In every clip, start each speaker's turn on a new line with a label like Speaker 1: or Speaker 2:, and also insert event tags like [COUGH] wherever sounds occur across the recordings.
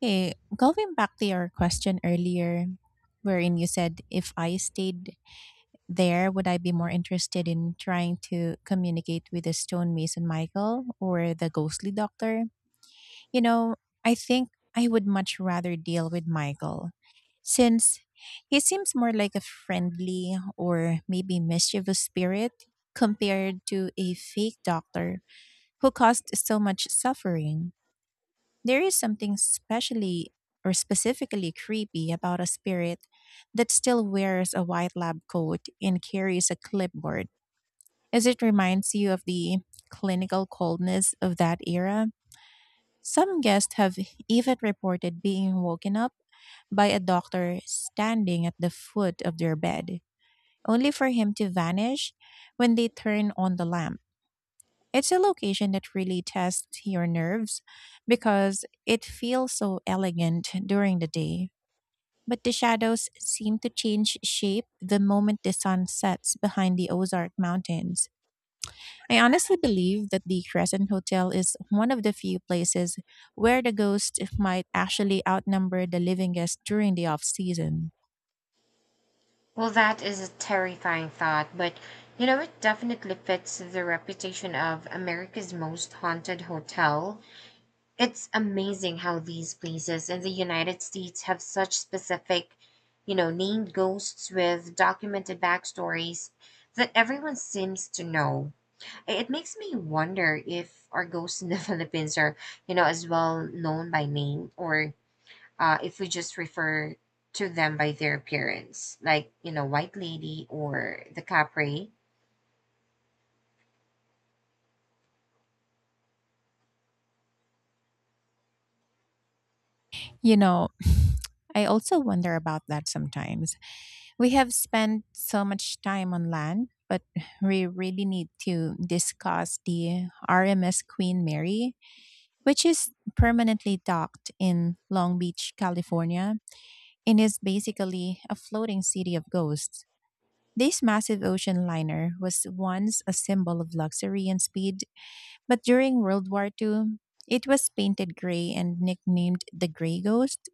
Speaker 1: Hey, going back to your question earlier, wherein you said if I stayed there, would I be more interested in trying to communicate with the stonemason Michael or the ghostly doctor? You know, I think I would much rather deal with Michael since he seems more like a friendly or maybe mischievous spirit compared to a fake doctor who caused so much suffering. There is something specially or specifically creepy about a spirit that still wears a white lab coat and carries a clipboard, as it reminds you of the clinical coldness of that era. Some guests have even reported being woken up by a doctor standing at the foot of their bed, only for him to vanish when they turn on the lamp. It's a location that really tests your nerves because it feels so elegant during the day, but the shadows seem to change shape the moment the sun sets behind the Ozark Mountains. I honestly believe that the Crescent Hotel is one of the few places where the ghosts might actually outnumber the living guests during the off season.
Speaker 2: Well, that is a terrifying thought, but it definitely fits the reputation of America's most haunted hotel. It's amazing how these places in the United States have such specific, named ghosts with documented backstories that everyone seems to know. It makes me wonder if our ghosts in the [LAUGHS] Philippines are, as well known by name or if we just refer to them by their appearance, like, White Lady or the Capri.
Speaker 1: You know, [LAUGHS] [SIGHS] I also wonder about that sometimes. We have spent so much time on land, but we really need to discuss the RMS Queen Mary, which is permanently docked in Long Beach, California, and is basically a floating city of ghosts. This massive ocean liner was once a symbol of luxury and speed, but during World War II, it was painted gray and nicknamed the Gray Ghost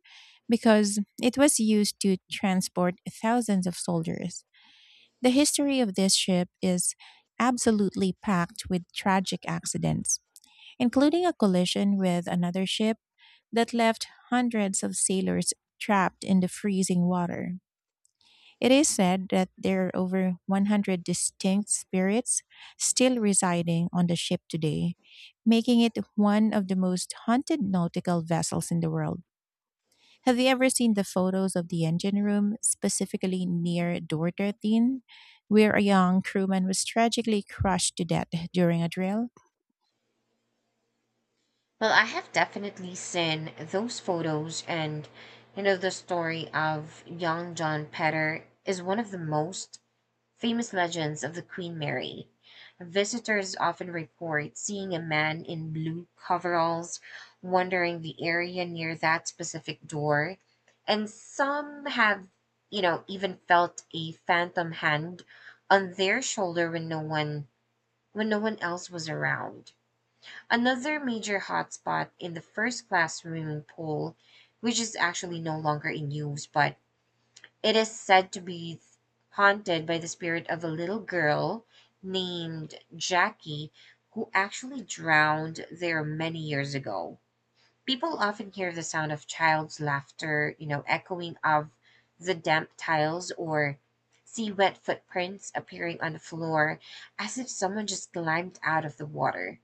Speaker 1: because it was used to transport thousands of soldiers. The history of this ship is absolutely packed with tragic accidents, including a collision with another ship that left hundreds of sailors trapped in the freezing water. It is said that there are over 100 distinct spirits still residing on the ship today, making it one of the most haunted nautical vessels in the world. Have you ever seen the photos of the engine room, specifically near door 13, where a young crewman was tragically crushed to death during a drill?
Speaker 2: Well, I have definitely seen those photos, and, the story of young John Petter is one of the most famous legends of the Queen Mary. Visitors often report seeing a man in blue coveralls wandering the area near that specific door, and some have, even felt a phantom hand on their shoulder when no one else was around. Another major hotspot in the first class swimming pool, which is actually no longer in use, but it is said to be haunted by the spirit of a little girl named Jackie who actually drowned there many years ago. People often hear the sound of child's laughter, echoing of the damp tiles or see wet footprints appearing on the floor as if someone just climbed out of the water.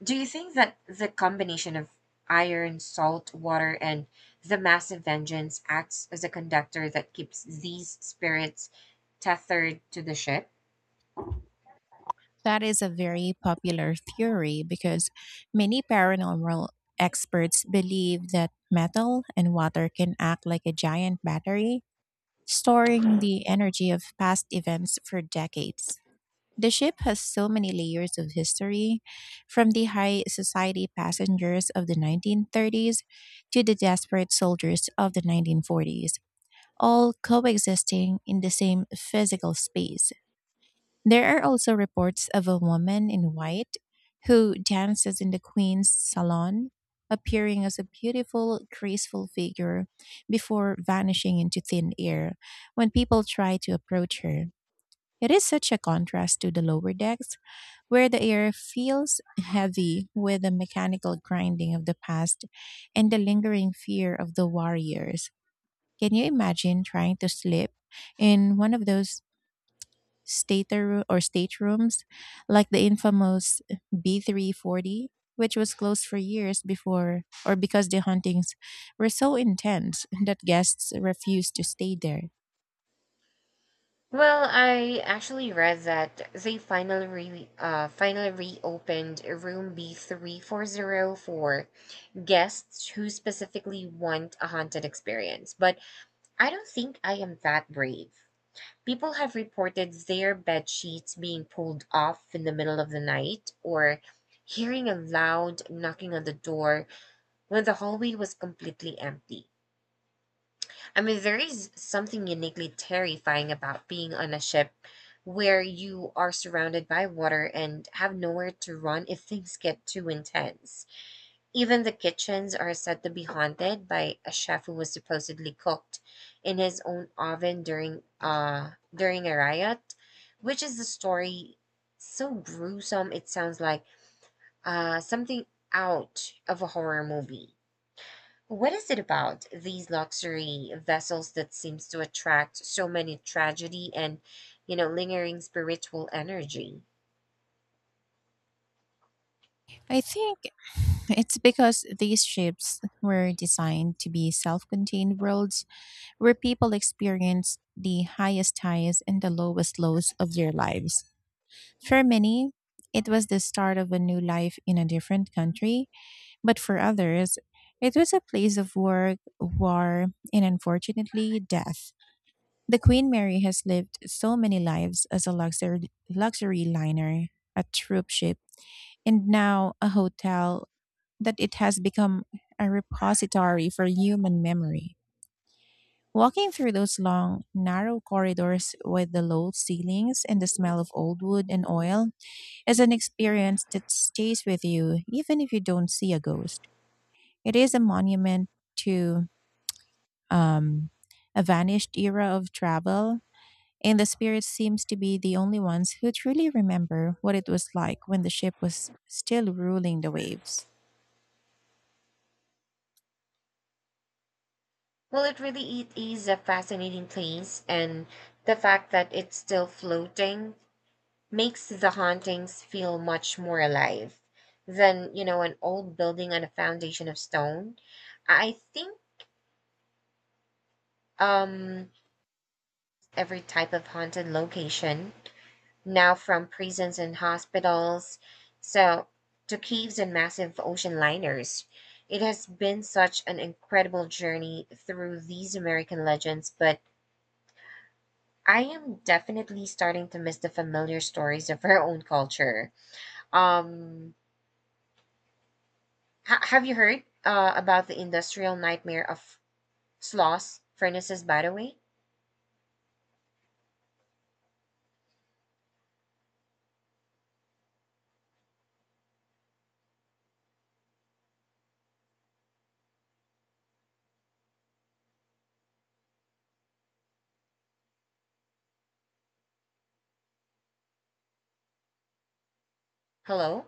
Speaker 2: Do you think that the combination of iron, salt water, and the massive vengeance acts as a conductor that keeps these spirits tethered to the ship?
Speaker 1: That is a very popular theory because many paranormal experts believe that metal and water can act like a giant battery, storing the energy of past events for decades. The ship has so many layers of history, from the high society passengers of the 1930s to the desperate soldiers of the 1940s, all coexisting in the same physical space. There are also reports of a woman in white who dances in the Queen's salon, appearing as a beautiful, graceful figure before vanishing into thin air when people try to approach her. It is such a contrast to the lower decks, where the air feels heavy with the mechanical grinding of the past and the lingering fear of the warriors. Can you imagine trying to sleep in one of those stater or staterooms like the infamous B340, which was closed for years before or because the hauntings were so intense that guests refused to stay there?
Speaker 2: Well, I actually read that they finally finally reopened room b 340 for guests who specifically want a haunted experience, but I don't think I am that brave. People have reported their bed sheets being pulled off in the middle of the night, or hearing a loud knocking on the door when the hallway was completely empty. I mean, there is something uniquely terrifying about being on a ship where you are surrounded by water and have nowhere to run if things get too intense. Even the kitchens are said to be haunted by a chef who was supposedly cooked in his own oven during a riot, which is the story so gruesome it sounds like something out of a horror movie. What is it about these luxury vessels that seems to attract so many tragedy and lingering spiritual energy?
Speaker 1: I think it's because these ships were designed to be self contained worlds where people experience the highest highs and the lowest lows of their lives. For many, it was the start of a new life in a different country, but for others, it was a place of work, war, and unfortunately, death. The Queen Mary has lived so many lives as a luxury, luxury liner, a troop ship, and now a hotel that it has become a repository for human memory. Walking through those long, narrow corridors with the low ceilings and the smell of old wood and oil is an experience that stays with you even if you don't see a ghost. It is a monument to um, a vanished era of travel, and the spirits seems to be the only ones who truly remember what it was like when the ship was still ruling the waves.
Speaker 2: Well, it is a fascinating place, and the fact that it's still floating makes the hauntings feel much more alive than, an old building on a foundation of stone. I think um, every type of haunted location, now from prisons and hospitals, so to caves and massive ocean liners, it has been such an incredible journey through these American legends, but I am definitely starting to miss the familiar stories of her own culture. Um, have you heard about the industrial nightmare of Sloss furnaces, by the way? Hello?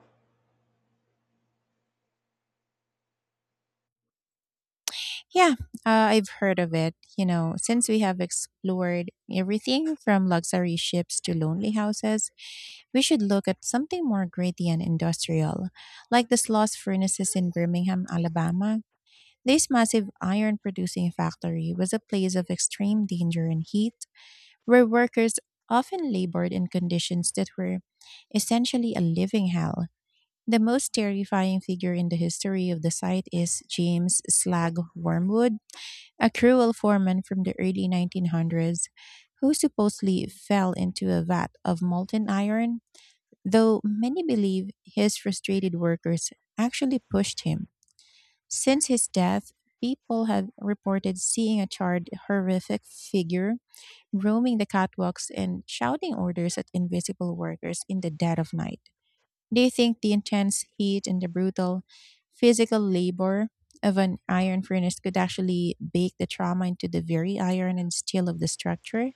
Speaker 1: Yeah, I've heard of it. You know, since we have explored everything from luxury ships to lonely houses, we should look at something more gritty and industrial, like the Sloss furnaces in Birmingham, Alabama. This massive iron producing factory was a place of extreme danger and heat, where workers often labored in conditions that were essentially a living hell. The most terrifying figure in the history of the site is James Slag Wormwood, a cruel foreman from the early 1900s who supposedly fell into a vat of molten iron, though many believe his frustrated workers actually pushed him. Since his death, people have reported seeing a charred, horrific figure roaming the catwalks and shouting orders at invisible workers in the dead of night. Do you think the intense heat and the brutal physical labor of an iron furnace could actually bake the trauma into the very iron and steel of the structure?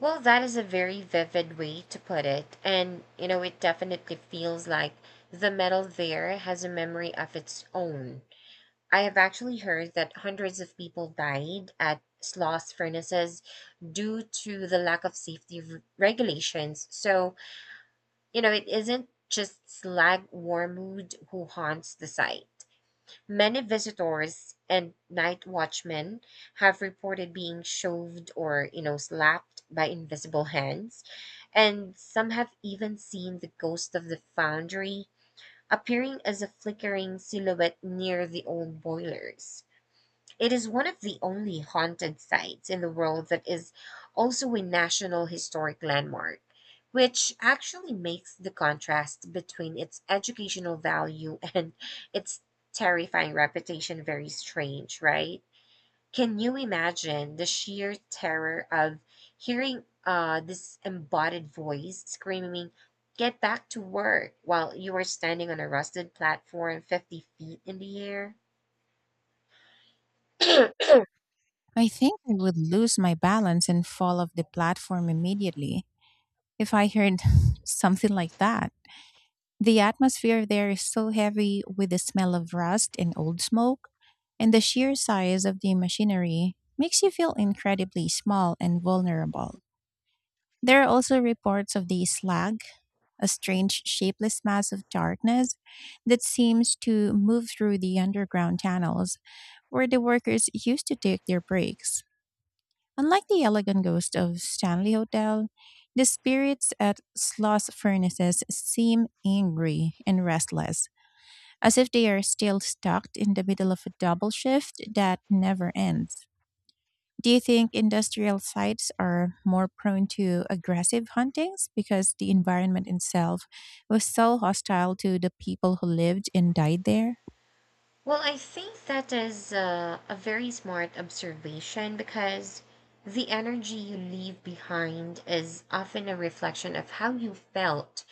Speaker 2: Well, that is a very vivid way to put it. And, it definitely feels like the metal there has a memory of its own. I have actually heard that hundreds of people died at Sloss furnaces due to the lack of safety regulations. So, it isn't just Slag Warmood who haunts the site. Many visitors and night watchmen have reported being shoved or, slapped by invisible hands, and some have even seen the ghost of the foundry appearing as a flickering silhouette near the old boilers. It is one of the only haunted sites in the world that is also a National Historic Landmark, which actually makes the contrast between its educational value [LAUGHS] and its terrifying reputation very strange, right? Can you imagine the sheer terror of hearing this embodied voice screaming, "Get back to work," while you are standing on a rusted platform 50 feet in the air? [CLEARS THROAT]
Speaker 1: I think I would lose my balance and fall off the platform immediately if I heard [LAUGHS] something like that. The atmosphere there is so heavy with the smell of rust and old smoke, and the sheer size of the machinery makes you feel incredibly small and vulnerable. There are also reports of the slag, a strange, shapeless mass of darkness that seems to move through the underground tunnels where the workers used to take their breaks. Unlike the elegant ghost of Stanley Hotel, the spirits at Sloss Furnaces seem angry and restless, as if they are still stuck in the middle of a double shift that never ends. Do you think industrial sites are more prone to aggressive huntings because the environment itself was so hostile to the people who lived and died there?
Speaker 2: Well, I think that is a very smart observation because the energy you leave behind is often a reflection of how you felt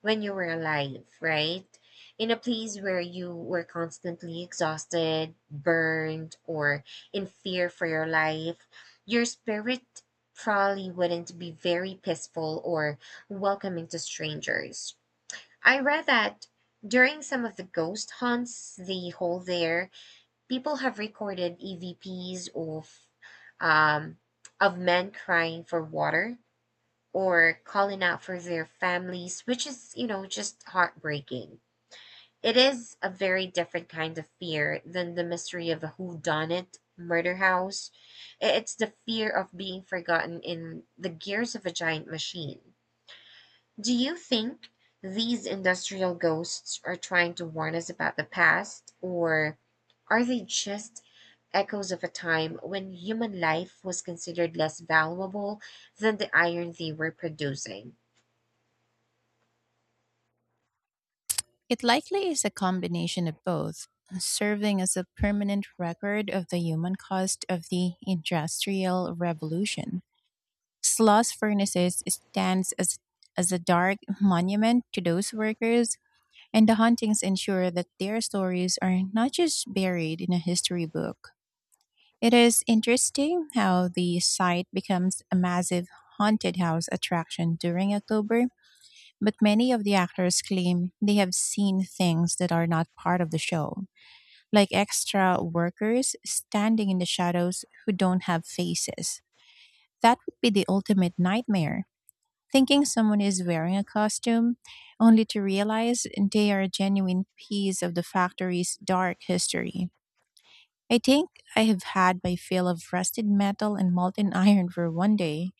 Speaker 2: when you were alive, right? In a place where you were constantly exhausted, burned, or in fear for your life, your spirit probably wouldn't be very peaceful or welcoming to strangers. I read that during some of the ghost hunts they hold there, people have recorded EVPs um, of men crying for water or calling out for their families, which is, just heartbreaking. It is a very different kind of fear than the mystery of a whodunit murder house. It's the fear of being forgotten in the gears of a giant machine. Do you think these industrial ghosts are trying to warn us about the past, or are they just echoes of a time when human life was considered less valuable than the iron they were producing?
Speaker 1: It likely is a combination of both, serving as a permanent record of the human cost of the Industrial Revolution. Sloss Furnaces stands as a dark monument to those workers, and the hauntings ensure that their stories are not just buried in a history book. It is interesting how the site becomes a massive haunted house attraction during October, but many of the actors claim they have seen things that are not part of the show, like extra workers standing in the shadows who don't have faces. That would be the ultimate nightmare. Thinking someone is wearing a costume, only to realize they are a genuine piece of the factory's dark history. I think I have had my fill of rusted metal and molten iron for one day,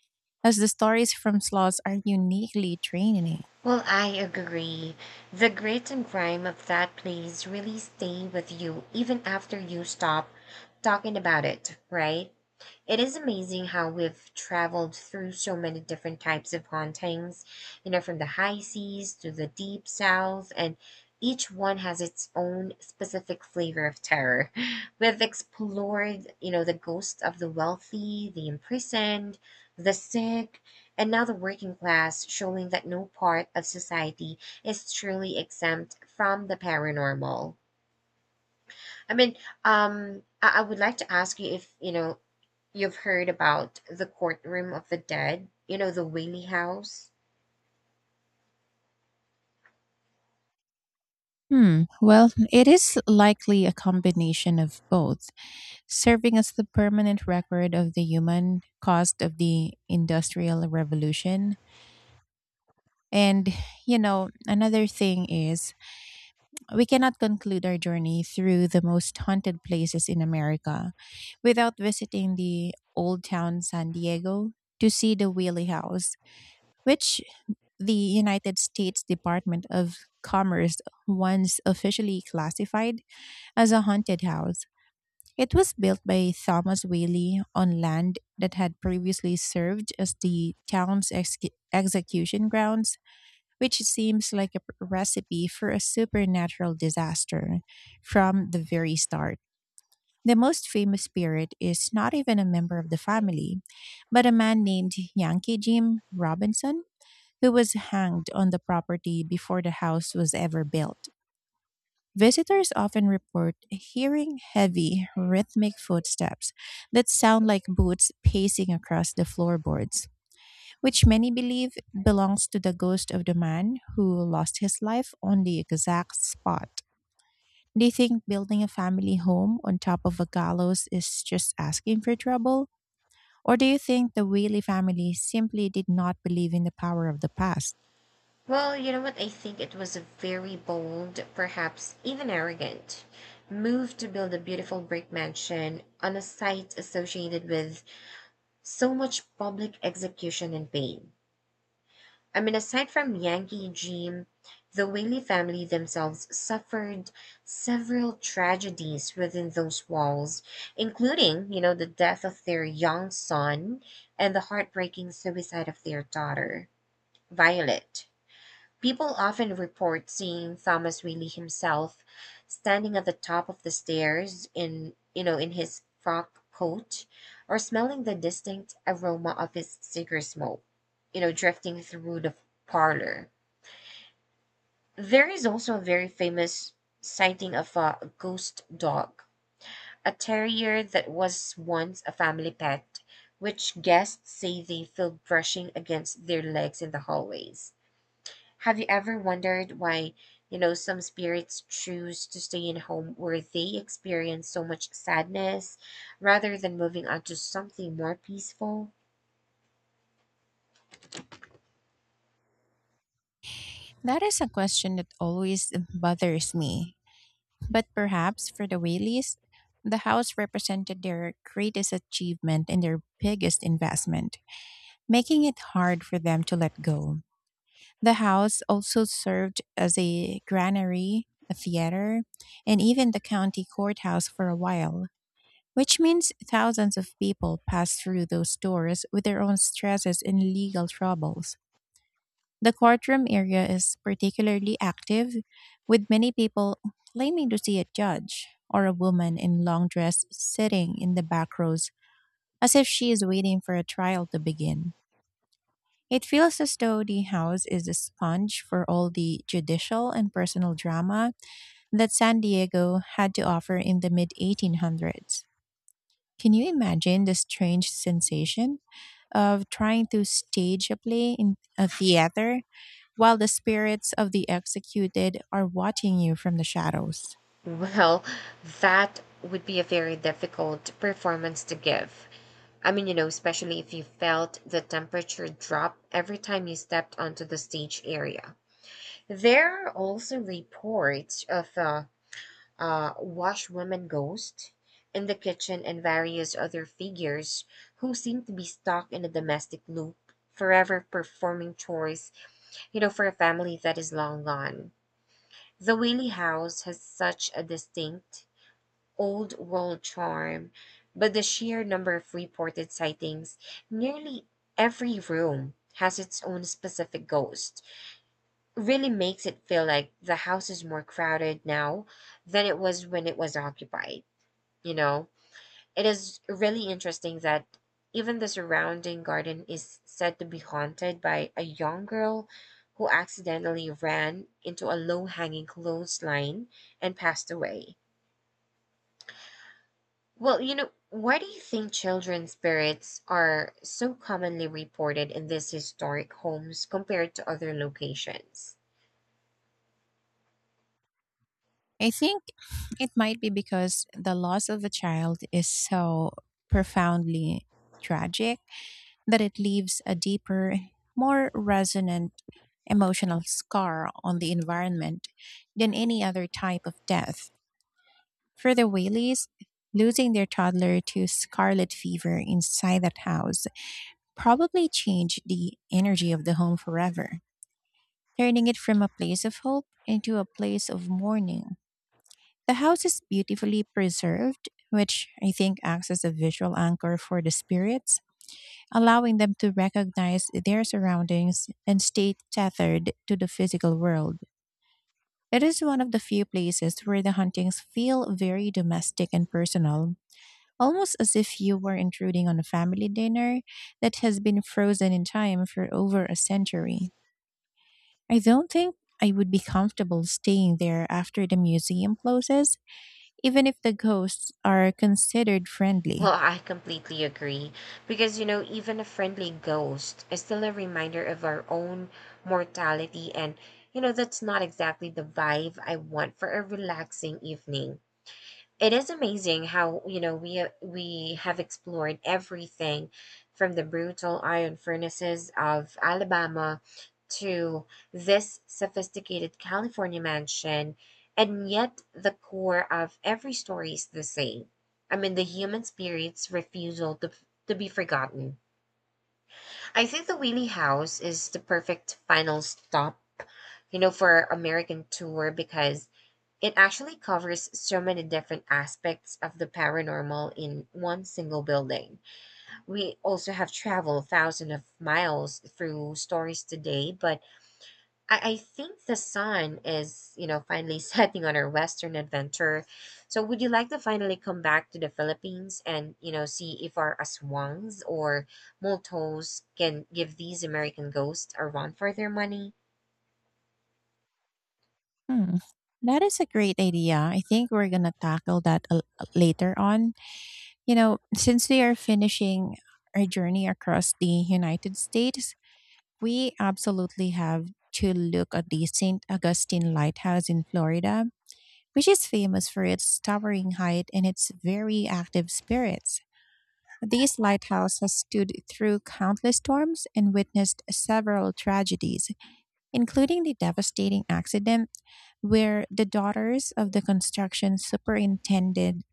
Speaker 1: as the stories from Sloths are uniquely draining.
Speaker 2: Well, I agree. The grit and grime of that place really stay with you even after you stop talking about it, right? It is amazing how we've traveled through so many different types of hauntings, from the high seas to the Deep South, and each one has its own specific flavor of terror. [LAUGHS] We've explored, the ghosts of the wealthy, the imprisoned, the sick, and now the working class, showing that no part of society is truly exempt from the paranormal. I mean, I would like to ask you if, you've heard about the courtroom of the dead, the Whaley House.
Speaker 1: Hmm. Well, it is likely a combination of both, serving as the permanent record of the human cost of the Industrial Revolution. And, you know, another thing is, we cannot conclude our journey through the most haunted places in America without visiting the Old Town San Diego to see the Wheelie House, which the United States Department of Commerce once officially classified as a haunted house. It was built by Thomas Whaley on land that had previously served as the town's execution grounds, which seems like a recipe for a supernatural disaster from the very start. The most famous spirit is not even a member of the family, but a man named Yankee Jim Robinson, who was hanged on the property before the house was ever built. Visitors often report hearing heavy, rhythmic footsteps that sound like boots pacing across the floorboards, which many believe belongs to the ghost of the man who lost his life on the exact spot. They think building a family home on top of a gallows is just asking for trouble? Or do you think the Whaley family simply did not believe in the power of the past?
Speaker 2: Well, you know what? I think it was a very bold, perhaps even arrogant, move to build a beautiful brick mansion on a site associated with so much public execution and pain. I mean, aside from Yankee Jim, the Whaley family themselves suffered several tragedies within those walls, including, the death of their young son and the heartbreaking suicide of their daughter, Violet. People often report seeing Thomas Reilly himself standing at the top of the stairs in his frock coat or smelling the distinct aroma of his cigar smoke, drifting through the parlor. There is also a very famous sighting of a ghost dog, a terrier that was once a family pet, which guests say they feel brushing against their legs in the hallways. Have you ever wondered why, some spirits choose to stay in home where they experience so much sadness rather than moving on to something more peaceful? [LAUGHS]
Speaker 1: That is a question that always bothers me. But perhaps for the Whaleys, the house represented their greatest achievement and their biggest investment, making it hard for them to let go. The house also served as a granary, a theater, and even the county courthouse for a while, which means thousands of people passed through those doors with their own stresses and legal troubles. The courtroom area is particularly active, with many people claiming to see a judge or a woman in long dress sitting in the back rows as if she is waiting for a trial to begin. It feels as though the house is a sponge for all the judicial and personal drama that San Diego had to offer in the mid 1800s. Can you imagine the strange sensation of trying to stage a play in a theater while the spirits of the executed are watching you from the shadows?
Speaker 2: Well, that would be a very difficult performance to give. I mean, especially if you felt the temperature drop every time you stepped onto the stage area. There are also reports of washwoman ghost in the kitchen, and various other figures who seem to be stuck in a domestic loop, forever performing chores, for a family that is long gone. The Whaley House has such a distinct old world charm, but the sheer number of reported sightings, nearly every room has its own specific ghost, really makes it feel like the house is more crowded now than it was when it was occupied you know it is really interesting that even the surrounding garden is said to be haunted by a young girl who accidentally ran into a low-hanging clothesline and passed away. Well, why do you think children's spirits are so commonly reported in these historic homes compared to other locations?
Speaker 1: I think it might be because the loss of a child is so profoundly tragic, but it leaves a deeper, more resonant emotional scar on the environment than any other type of death. For the Whaleys, losing their toddler to scarlet fever inside that house probably changed the energy of the home forever, turning it from a place of hope into a place of mourning. The house is beautifully preserved, which I think acts as a visual anchor for the spirits, allowing them to recognize their surroundings and stay tethered to the physical world. It is one of the few places where the hauntings feel very domestic and personal, almost as if you were intruding on a family dinner that has been frozen in time for over a century. I don't think I would be comfortable staying there after the museum closes, even if the ghosts are considered
Speaker 2: Well,
Speaker 1: friendly.
Speaker 2: I completely agree. Because, even a friendly ghost is still a reminder of our own mortality. And, that's not exactly the vibe I want for a relaxing evening. It is amazing how, we have explored everything from the brutal iron furnaces of Alabama to this sophisticated California mansion, and yet the core of every story is the same. I mean, the human spirit's refusal to be forgotten. I think the Wheelie House is the perfect final stop, for American tour because it actually covers so many different aspects of the paranormal in one single building. We also have traveled thousands of miles through stories today, but I think the sun is, finally [LAUGHS] setting on our Western adventure. So would you like to finally come back to the Philippines and, see if our aswangs or multos can give these American ghosts a run for their money?
Speaker 1: Hmm, that is a great idea. I think we're gonna tackle that later on. You know, since we are finishing our journey across the United States, we absolutely have to look at the St. Augustine Lighthouse in Florida, which is famous for its towering height and its very active spirits. This lighthouse has stood through countless storms and witnessed several tragedies, including the devastating accident where the daughters of the construction superintendent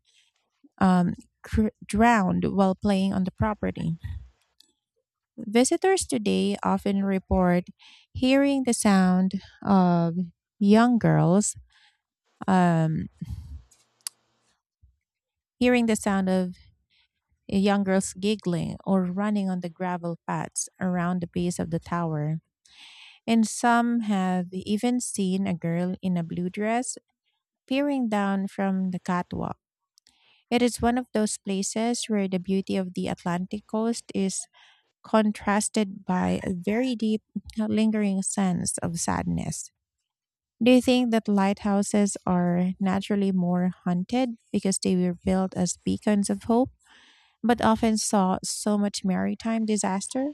Speaker 1: um, drowned while playing on the property. Visitors today often report hearing the sound of young girls, um, hearing the sound of young girls giggling or running on the gravel paths around the base of the tower. And some have even seen a girl in a blue dress peering down from the catwalk. It is one of those places where the beauty of the Atlantic coast is contrasted by a very deep, lingering sense of sadness. Do you think that lighthouses are naturally more haunted because they were built as beacons of hope, but often saw so much maritime disaster?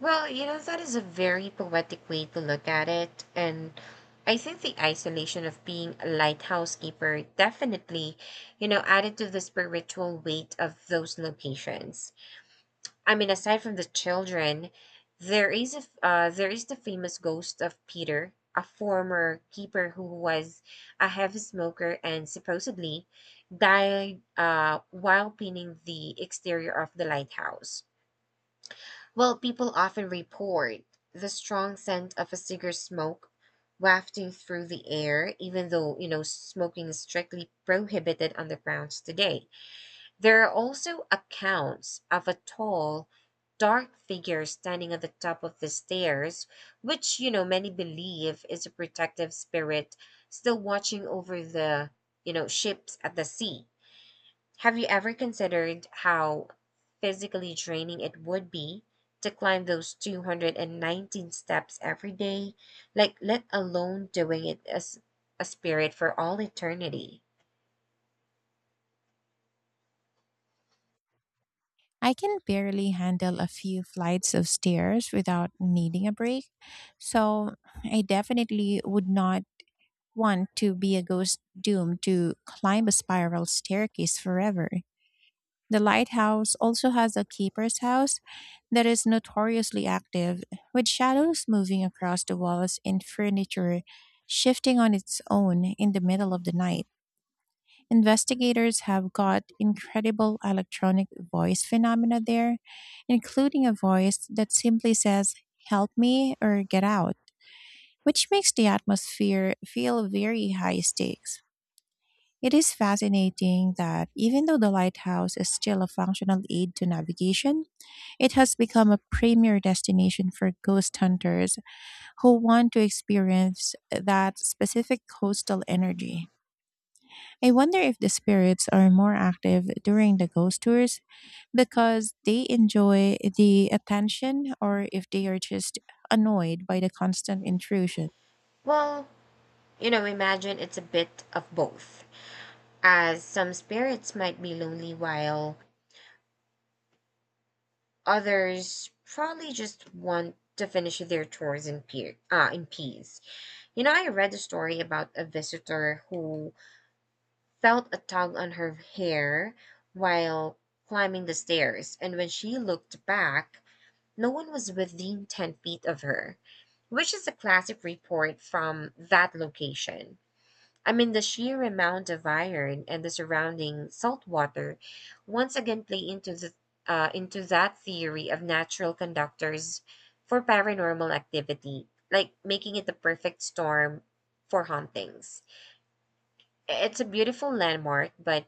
Speaker 2: Well, that is a very poetic way to look at it. And I think the isolation of being a lighthouse keeper definitely, added to the spiritual weight of those locations. I mean, aside from the children, there is there is the famous ghost of Peter, a former keeper who was a heavy smoker and supposedly died while painting the exterior of the lighthouse. Well, people often report the strong scent of a cigarette smoke wafting through the air, even though, smoking is strictly prohibited on the grounds today. There are also accounts of a tall, dark figure standing at the top of the stairs, which, many believe is a protective spirit still watching over the ships at the sea. Have you ever considered how physically draining it would be to climb those 219 steps every day, like let alone doing it as a spirit for all eternity?
Speaker 1: I can barely handle a few flights of stairs without needing a break, so I definitely would not want to be a ghost doomed to climb a spiral staircase forever. The lighthouse also has a keeper's house that is notoriously active, with shadows moving across the walls and furniture shifting on its own in the middle of the night. Investigators have got incredible electronic voice phenomena there, including a voice that simply says, "Help me" or "Get out," which makes the atmosphere feel very high stakes. It is fascinating that even though the lighthouse is still a functional aid to navigation, it has become a premier destination for ghost hunters who want to experience that specific coastal energy. I wonder if the spirits are more active during the ghost tours because they enjoy the attention or if they are just annoyed by the constant intrusion.
Speaker 2: Well, imagine it's a bit of both, as some spirits might be lonely while others probably just want to finish their chores in peace. I read a story about a visitor who felt a tug on her hair while climbing the stairs, and when she looked back, no one was within 10 feet of her, which is a classic report from that location. I mean, the sheer amount of iron and the surrounding salt water once again play into that theory of natural conductors for paranormal activity, like making it the perfect storm for hauntings. It's a beautiful landmark, but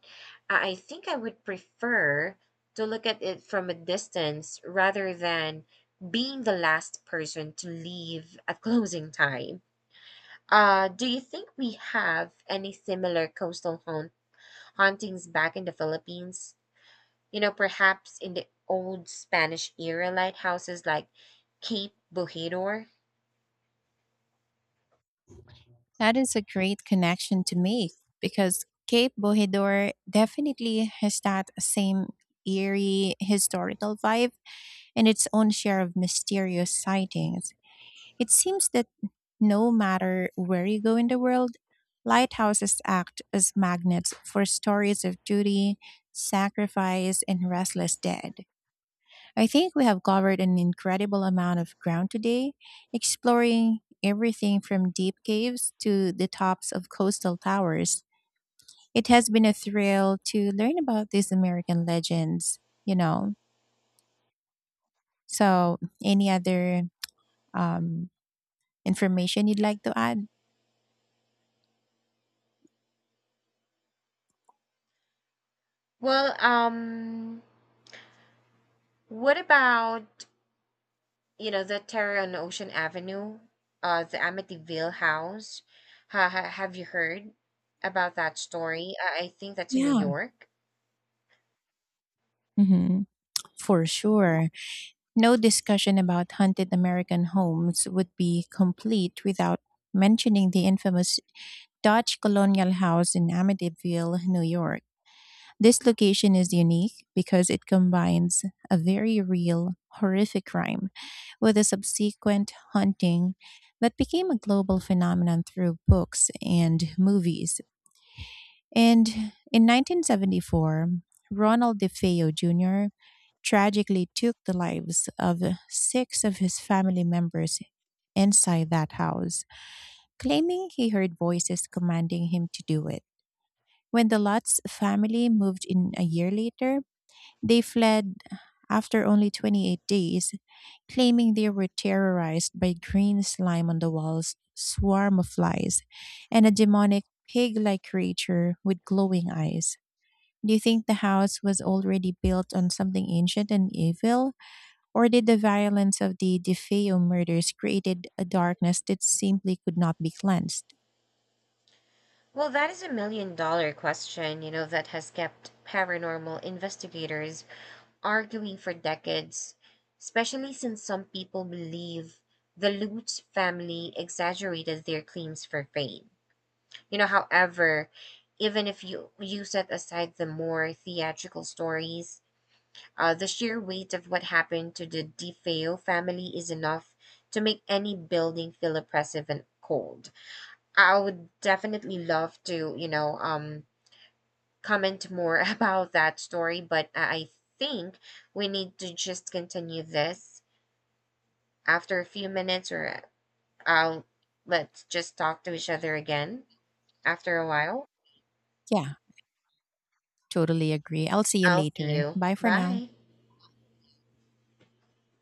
Speaker 2: I think I would prefer to look at it from a distance rather than being the last person to leave at [LAUGHS] closing time. Do you think we have any similar coastal hauntings back in the Philippines? Perhaps in the old Spanish era lighthouses like Cape Bojador?
Speaker 1: That is a great connection to make because Cape Bojador definitely has that same eerie historical vibe and its own share of mysterious sightings. It seems that no matter where you go in the world, lighthouses act as magnets for stories of duty, sacrifice, and restless dead. I think we have covered an incredible amount of ground today, exploring everything from deep caves to the tops of coastal towers. It has been a thrill to learn about these American legends, you know. So, any other um, information you'd like to add?
Speaker 2: Well, what about the terror on Ocean Avenue, the Amityville house. Have you heard about that story? I think that's in New
Speaker 1: Yeah,
Speaker 2: York.
Speaker 1: hmm, for sure. No discussion about haunted American homes would be complete without mentioning the infamous Dutch colonial house in Amityville, New York. This location is unique because it combines a very real, horrific crime with a subsequent haunting that became a global phenomenon through books and movies. And in 1974, Ronald DeFeo Jr. tragically took the lives of 6 of his family members inside that house, claiming he heard voices commanding him to do it. When the Lutz family moved in a year later, they fled after only 28 days, claiming they were terrorized by green slime on the walls, swarm of flies, and a demonic pig like creature with glowing eyes. Do you think the house was already built on something ancient and evil, or did the violence of the DeFeo murders created a darkness that simply could not be cleansed?
Speaker 2: Well, that is a million dollar question, that has kept paranormal investigators arguing for decades, especially since some people believe the Lutz family exaggerated their claims for fame. However, even if you set aside the more theatrical stories, the sheer weight of what happened to the DeFeo family is enough to make any building feel oppressive and cold. I would definitely love to, comment more [LAUGHS] about that story, but I think we need to just continue this after a few minutes, or I'll let's just talk to each other again after a while.
Speaker 1: Yeah, totally agree. I'll see you
Speaker 2: I'll see
Speaker 1: later.
Speaker 2: you.
Speaker 1: Bye for now.
Speaker 2: Bye.